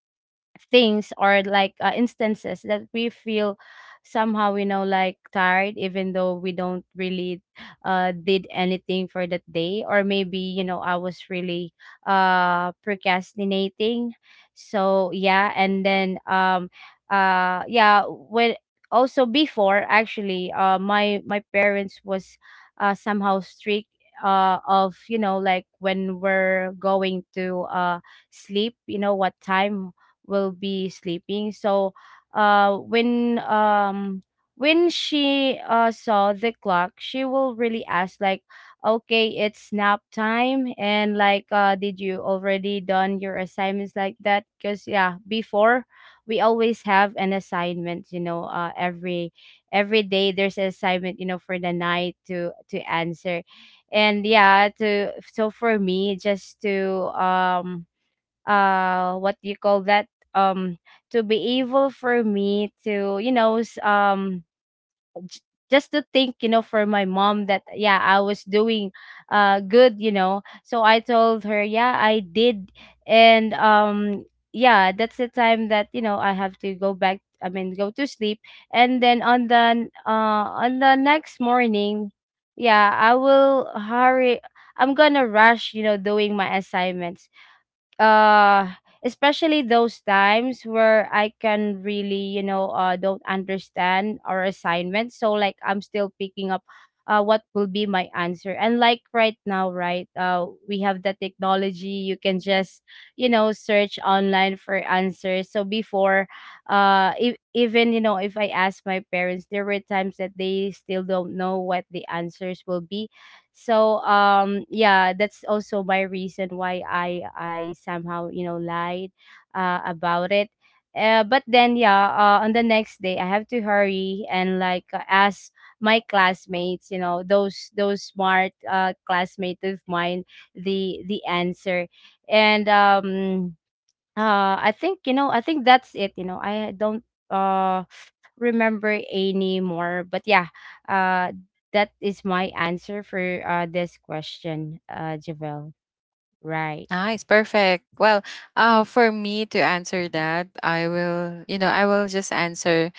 Speaker 2: things, or like, instances that we feel somehow, you know, like tired even though we don't really did anything for that day, or maybe, you know, I was really procrastinating. So yeah, and then, yeah, when, also before actually, my parents was, somehow strict, of, you know, like when we're going to, sleep, you know, what time will be sleeping. So when, when she saw the clock, she will really ask, like, okay, it's nap time, and like, did you already done your assignments, like that? Because yeah, before we always have an assignment, you know, every day there's an assignment, you know, for the night to answer. And yeah, to so for me just to, what do you call that, um to be able for me to, you know, j- just to think, you know, for my mom that yeah I was doing, good, you know. So I told her, yeah I did. And yeah, that's the time that, you know, I have to go back, I mean, go to sleep. And then on the next morning, yeah, I will hurry, I'm gonna rush, you know, doing my assignments, uh especially those times where I can really, you know, don't understand our assignment, so like I'm still picking up what will be my answer. And, like, right now, right, we have the technology, you can just, you know, search online for answers. So before, if, even you know if I ask my parents, there were times that they still don't know what the answers will be. So yeah, that's also my reason why I somehow, you know, lied, about it. But then, yeah, on the next day I have to hurry and, like, ask my classmates, you know, those smart, classmates of mine, the answer. And I think, you know, I think that's it, you know. I don't, uh remember any more, but yeah. Uh that is my answer for, this question, Javel. Right.
Speaker 1: Nice, perfect. Well, for me to answer that, I will, you know, I will just answer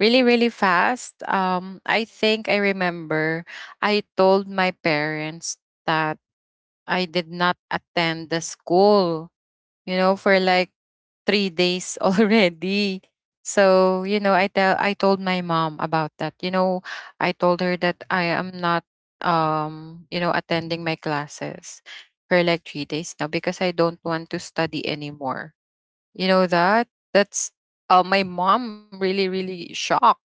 Speaker 1: really fast. I think I remember I told my parents that I did not attend the school, you know, for like 3 days already. So, you know, I told my mom about that. You know, I told her that I am not, you know, attending my classes for like 3 days now because I don't want to study anymore. You know that? That's my mom, really, really shocked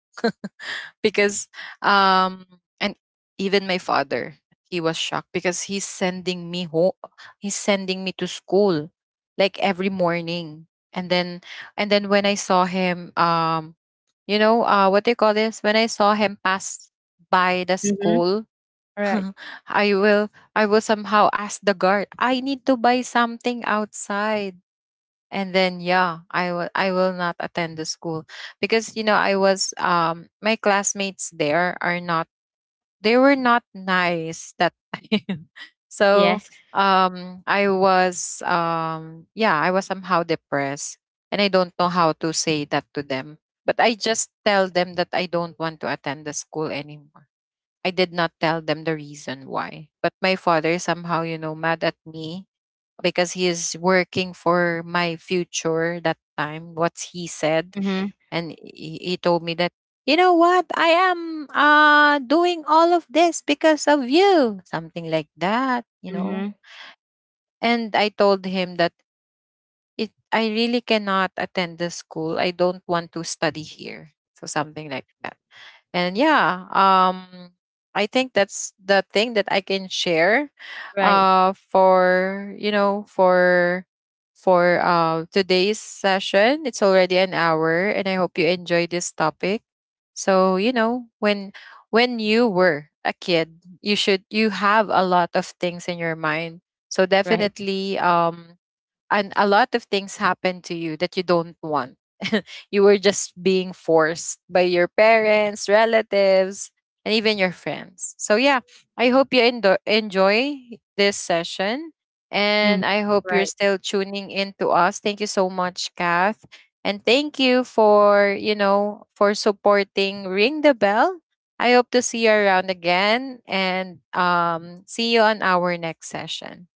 Speaker 1: because um and even my father, he was shocked because he's sending me to school like every morning. And then, and then when I saw him, what they call this, when I saw him pass by the
Speaker 2: Mm-hmm.
Speaker 1: school,
Speaker 2: Right.
Speaker 1: I will I will somehow ask the guard, I need to buy something outside. And then yeah, I will not attend the school because you know I was, my classmates there are not, they were not nice that time. So
Speaker 2: Yes.
Speaker 1: I was, yeah, I was somehow depressed and I don't know how to say that to them. But I just tell them that I don't want to attend the school anymore. I did not tell them the reason why. But my father somehow, you know, mad at me because he is working for my future that time, what he said.
Speaker 2: Mm-hmm.
Speaker 1: And he told me that, you know what, I am doing all of this because of you. Something like that, you
Speaker 2: Mm-hmm.
Speaker 1: know. And I told him that it, I really cannot attend the school. I don't want to study here. So something like that. And yeah, I think that's the thing that I can share,
Speaker 2: Right.
Speaker 1: for you know, for today's session. It's already an hour, and I hope you enjoy this topic. So you know, when you were a kid, you should, you have a lot of things in your mind. So
Speaker 2: Right.
Speaker 1: definitely, and a lot of things happen to you that you don't want. You were just being forced by your parents, relatives, and even your friends. So yeah, I hope you enjoy this session,
Speaker 2: Mm-hmm.
Speaker 1: and I hope you're
Speaker 2: Right.
Speaker 1: still tuning in to us. Thank you so much, Kath. And thank you for, you know, for supporting Ring the Bell. I hope to see you around again, and see you on our next session.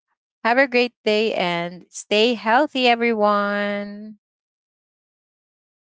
Speaker 1: Have a great day and stay healthy, everyone.